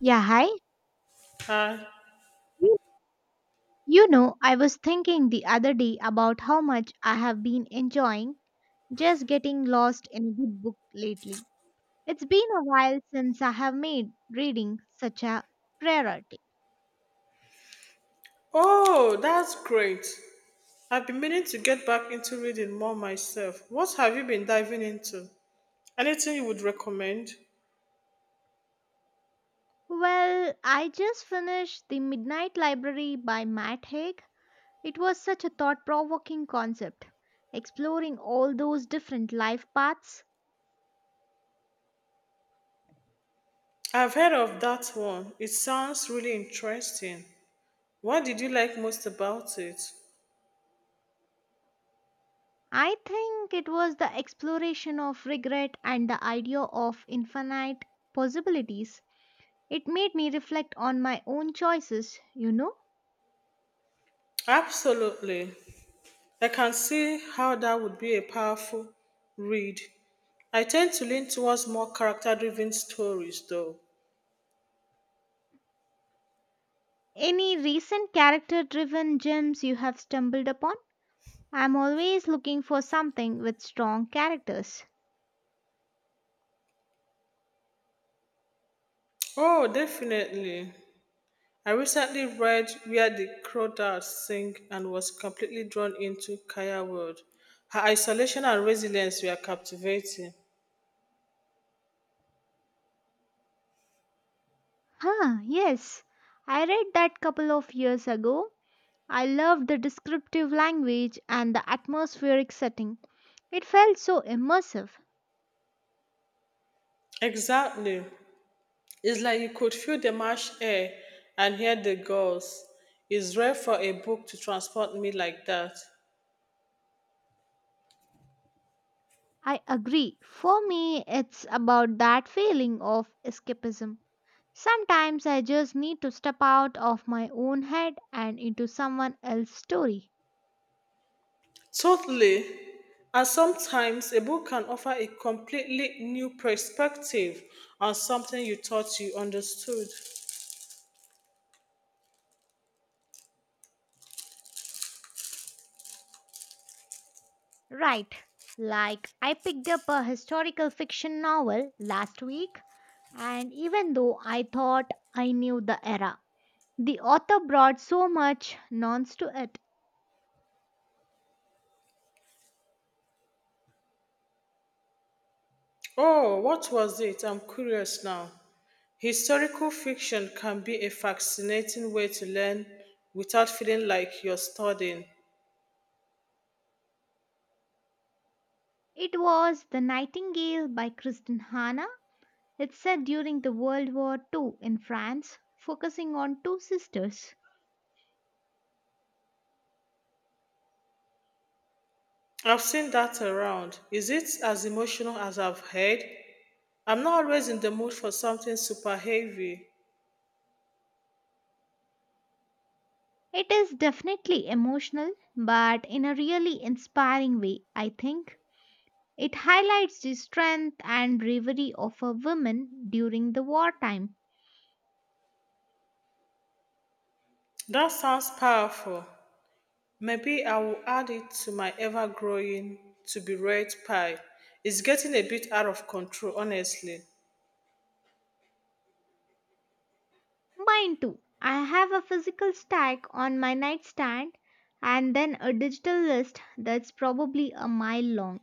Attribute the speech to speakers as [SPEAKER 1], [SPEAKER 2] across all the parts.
[SPEAKER 1] Yeah, hi.
[SPEAKER 2] Hi.
[SPEAKER 1] You know, I was thinking the other day about how much I have been enjoying just getting lost in a good book lately. It's been a while since I have made reading such a priority.
[SPEAKER 2] Oh, that's great. I've been meaning to get back into reading more myself. What have you been diving into? Anything you would recommend?
[SPEAKER 1] Well, I just finished The Midnight Library by Matt Haig. It was such a thought provoking concept, exploring all those different life paths.
[SPEAKER 2] I've heard of that one. It sounds really interesting. What did you like most about it?
[SPEAKER 1] I think it was the exploration of regret and the idea of infinite possibilities. It made me reflect on my own choices.
[SPEAKER 2] Absolutely. I can see how that would be a powerful read. I tend to lean towards more character driven stories, though.
[SPEAKER 1] Any recent character driven gems you have stumbled upon? I'm always looking for something with strong characters.
[SPEAKER 2] Oh, definitely. I recently read Where the Crawdads Sing and was completely drawn into Kaya's world. Her isolation and resilience were captivating.
[SPEAKER 1] Huh, yes. I read that couple of years ago. I loved the descriptive language and the atmospheric setting. It felt so immersive.
[SPEAKER 2] Exactly. It's like you could feel the marsh air and hear the gulls. It's rare for a book to transport me like that.
[SPEAKER 1] I agree. For me, it's about that feeling of escapism. Sometimes I just need to step out of my own head and into someone else's story.
[SPEAKER 2] Totally. And sometimes a book can offer a completely new perspective on something you thought you understood.
[SPEAKER 1] Right. Like I picked up a historical fiction novel last week, and even though I thought I knew the era, the author brought so much nonce to it.
[SPEAKER 2] Oh, what was it? I'm curious now. Historical fiction can be a fascinating way to learn without feeling like you're studying.
[SPEAKER 1] It was The Nightingale by Kristen Hanna. It's set during the World War II in France, focusing on two sisters.
[SPEAKER 2] I've seen that around. Is it as emotional as I've heard? I'm not always in the mood for something super heavy.
[SPEAKER 1] It is definitely emotional, but in a really inspiring way, I think. It highlights the strength and bravery of a woman during the wartime.
[SPEAKER 2] That sounds powerful. Maybe I will add it to my ever growing to be read pile. It's getting a bit out of control, honestly.
[SPEAKER 1] Mine too. I have a physical stack on my nightstand and then a digital list that's probably a mile long.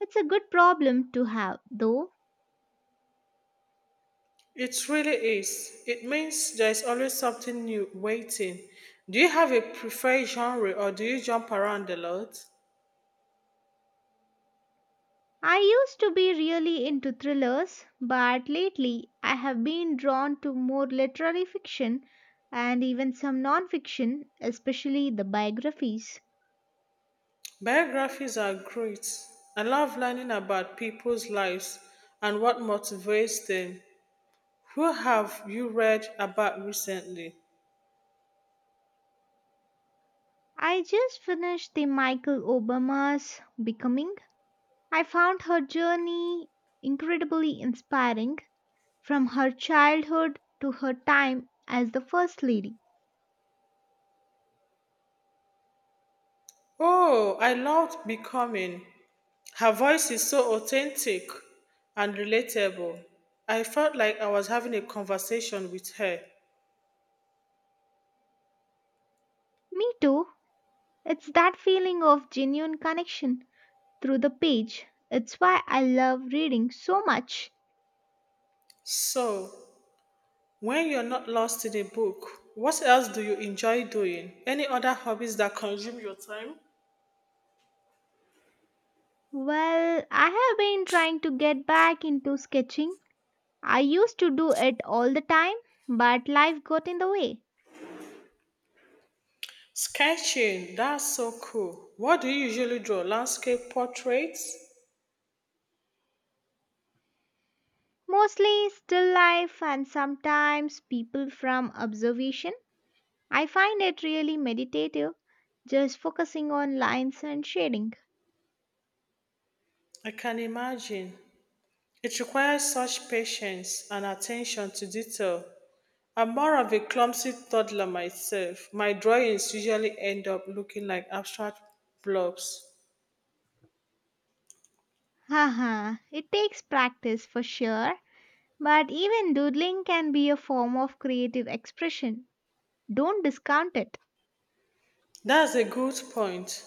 [SPEAKER 1] It's a good problem to have, though.
[SPEAKER 2] It really is. It means there's always something new waiting. Do you have a preferred genre or do you jump around a lot?
[SPEAKER 1] I used to be really into thrillers, but lately I have been drawn to more literary fiction and even some non fiction, especially the biographies.
[SPEAKER 2] Biographies are great. I love learning about people's lives and what motivates them. Who have you read about recently?
[SPEAKER 1] I just finished the Michael Obama's Becoming. I found her journey incredibly inspiring from her childhood to her time as the First Lady.
[SPEAKER 2] Oh, I loved Becoming. Her voice is so authentic and relatable. I felt like I was having a conversation with her.
[SPEAKER 1] Me too. It's that feeling of genuine connection through the page. It's why I love reading so much.
[SPEAKER 2] So, when you're not lost in a book, what else do you enjoy doing? Any other hobbies that consume your time?
[SPEAKER 1] Well, I have been trying to get back into sketching. I used to do it all the time, but life got in the way.
[SPEAKER 2] Sketching, that's so cool. What do you usually draw? Landscape portraits?
[SPEAKER 1] Mostly still life and sometimes people from observation. I find it really meditative, just focusing on lines and shading.
[SPEAKER 2] I can imagine. It requires such patience and attention to detail. I'm more of a clumsy toddler myself. My drawings usually end up looking like abstract blobs.
[SPEAKER 1] Haha, it takes practice for sure, but even doodling can be a form of creative expression. Don't discount it.
[SPEAKER 2] That's a good point.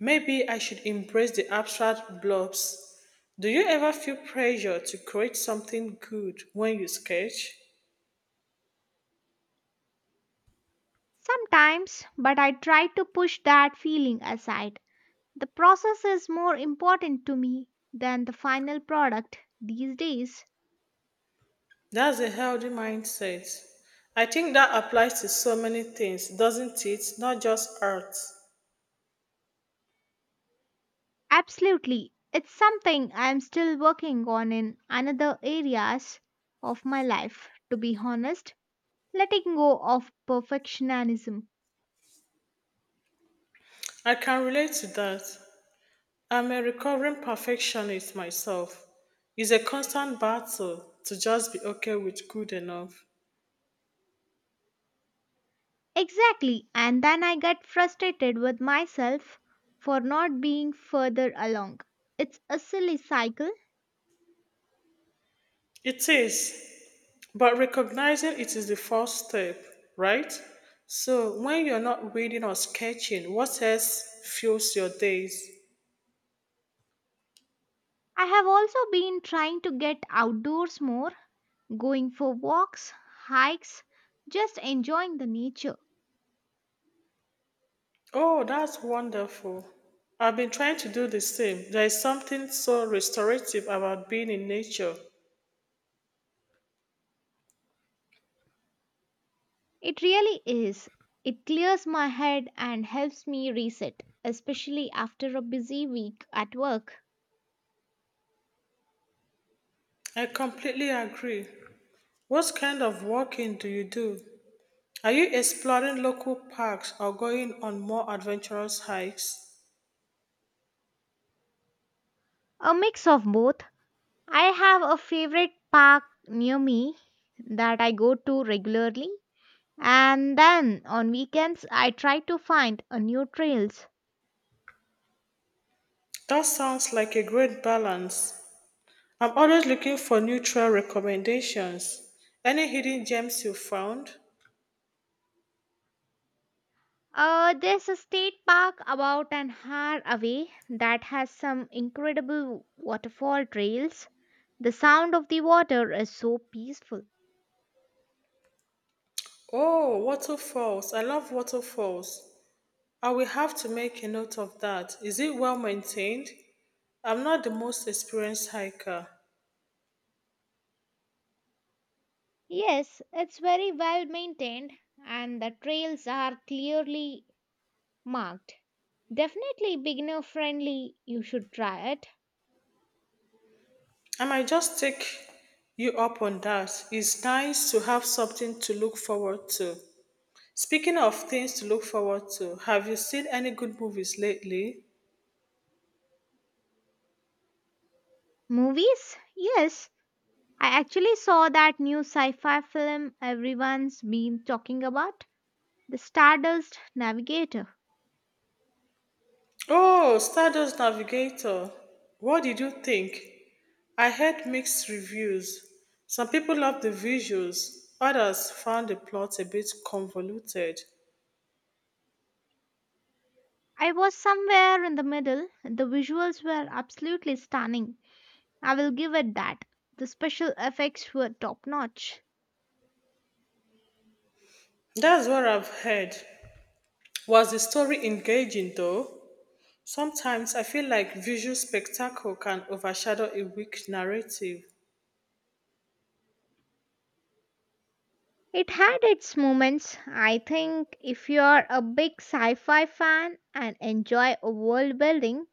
[SPEAKER 2] Maybe I should embrace the abstract blobs. Do you ever feel pressure to create something good when you sketch?
[SPEAKER 1] Sometimes, but I try to push that feeling aside. The process is more important to me than the final product these days.
[SPEAKER 2] That's a healthy mindset. I think that applies to so many things, doesn't it? Not just art.
[SPEAKER 1] Absolutely. It's something I am still working on in another areas of my life, to be honest, letting go of perfectionism.
[SPEAKER 2] I can relate to that. I'm a recovering perfectionist myself. It's a constant battle to just be okay with good enough.
[SPEAKER 1] Exactly, and then I get frustrated with myself for not being further along. It's a silly cycle.
[SPEAKER 2] It is, but recognizing it is the first step, right? So when you're not reading or sketching, what else fuels your days?
[SPEAKER 1] I have also been trying to get outdoors more, going for walks, hikes, just enjoying the nature.
[SPEAKER 2] Oh, that's wonderful. I've been trying to do the same. There is something so restorative about being in nature.
[SPEAKER 1] It really is. It clears my head and helps me reset, especially after a busy week at work.
[SPEAKER 2] I completely agree. What kind of walking do you do? Are you exploring local parks or going on more adventurous hikes?
[SPEAKER 1] A mix of both. I have a favorite park near me that I go to regularly, and then on weekends I try to find a new trails.
[SPEAKER 2] That sounds like a great balance. I'm always looking for neutral recommendations. Any hidden gems you found?
[SPEAKER 1] There's a state park about an hour away that has some incredible waterfall trails. The sound of the water is so peaceful.
[SPEAKER 2] Oh, waterfalls. I love waterfalls. I will have to make a note of that. Is it well maintained? I'm not the most experienced hiker.
[SPEAKER 1] Yes, it's very well maintained and the trails are clearly marked. Definitely beginner friendly. You should try it.
[SPEAKER 2] I might just take you up on that. It's nice to have something to look forward to. Speaking of things to look forward to, have you seen any good movies lately?
[SPEAKER 1] Movies? Yes. I actually saw that new sci fi film everyone's been talking about, The Stardust Navigator.
[SPEAKER 2] Oh, Stardust Navigator. What did you think? I heard mixed reviews. Some people loved the visuals, others found the plot a bit convoluted.
[SPEAKER 1] I was somewhere in the middle. The visuals were absolutely stunning. I will give it that. The special effects were top notch.
[SPEAKER 2] That's what I've heard. Was the story engaging though? Sometimes I feel like visual spectacle can overshadow a weak narrative.
[SPEAKER 1] It had its moments. I think if you are a big sci fi fan and enjoy world building,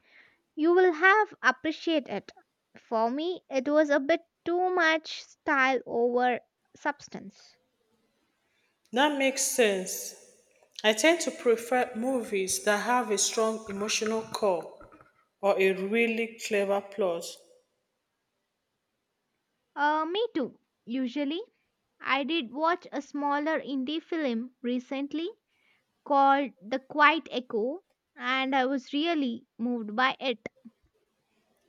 [SPEAKER 1] you will have appreciated it. For me, it was a bit too much style over substance.
[SPEAKER 2] That makes sense. I tend to prefer movies that have a strong emotional core or a really clever plot.
[SPEAKER 1] Me too, usually. I did watch a smaller indie film recently called The Quiet Echo, and I was really moved by it.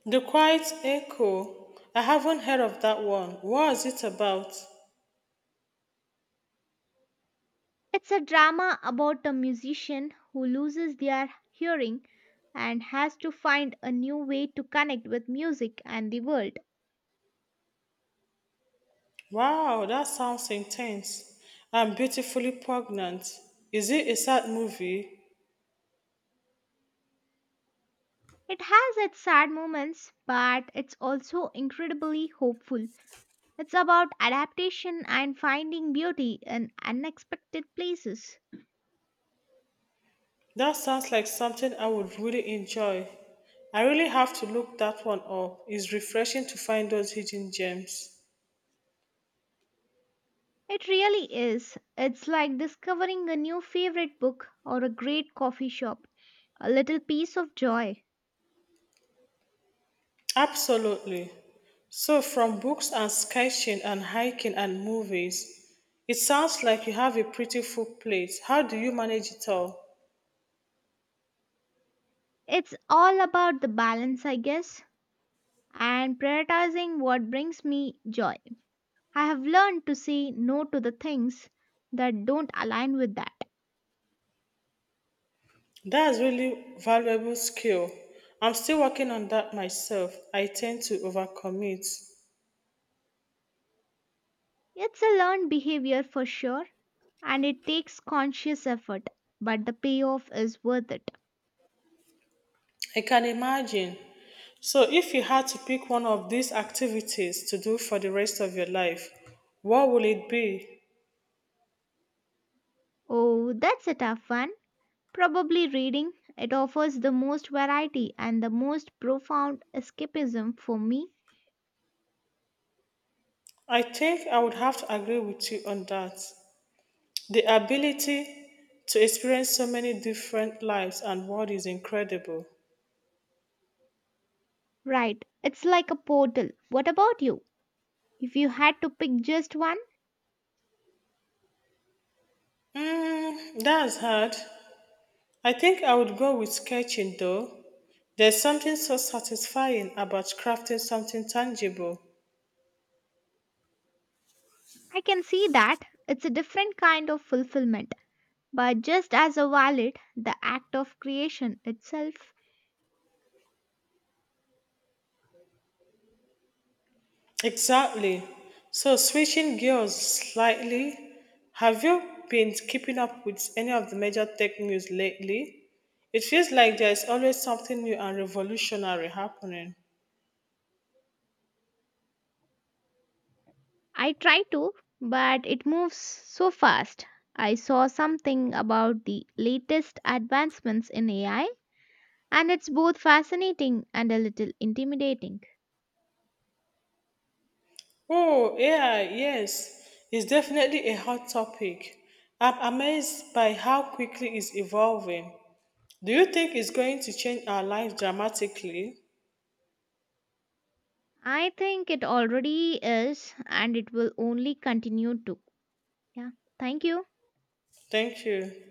[SPEAKER 2] The Quiet Echo. I haven't heard of that one. What is it about?
[SPEAKER 1] It's a drama about a musician who loses their hearing and has to find a new way to connect with music and the world.
[SPEAKER 2] Wow, that sounds intense and beautifully poignant. Is it a sad movie?
[SPEAKER 1] It has its sad moments, but it's also incredibly hopeful. It's about adaptation and finding beauty in unexpected places.
[SPEAKER 2] That sounds like something I would really enjoy. I really have to look that one up. It's refreshing to find those hidden gems.
[SPEAKER 1] It really is. It's like discovering a new favorite book or a great coffee shop, a little piece of joy.
[SPEAKER 2] Absolutely. So, from books and sketching and hiking and movies, it sounds like you have a pretty full plate. How do you manage it all?
[SPEAKER 1] It's all about the balance, I guess, and prioritizing what brings me joy. I have learned to say no to the things that don't align with that.
[SPEAKER 2] That's really valuable skill. I'm still working on that myself. I tend to overcommit.
[SPEAKER 1] It's a learned behavior for sure, and it takes conscious effort, but the payoff is worth it.
[SPEAKER 2] I can imagine. So if you had to pick one of these activities to do for the rest of your life, what would it be?
[SPEAKER 1] Oh, that's a tough one. Probably reading. It offers the most variety and the most profound escapism for me.
[SPEAKER 2] I think I would have to agree with you on that. The ability to experience so many different lives and world is incredible.
[SPEAKER 1] Right, it's like a portal. What about you? If you had to pick just one,
[SPEAKER 2] That's hard. I think I would go with sketching though. There's something so satisfying about crafting something tangible.
[SPEAKER 1] I can see that. It's a different kind of fulfillment, but just as a valid the act of creation itself.
[SPEAKER 2] Exactly. So, switching gears slightly, have you been keeping up with any of the major tech news lately? It feels like there's always something new and revolutionary happening.
[SPEAKER 1] I try to, but it moves so fast. I saw something about the latest advancements in AI, and it's both fascinating and a little intimidating.
[SPEAKER 2] Oh, yeah, yes. It's definitely a hot topic. I'm amazed by how quickly it's evolving. Do you think it's going to change our lives dramatically?
[SPEAKER 1] I think it already is, and it will only continue to. Yeah, thank you.
[SPEAKER 2] Thank you.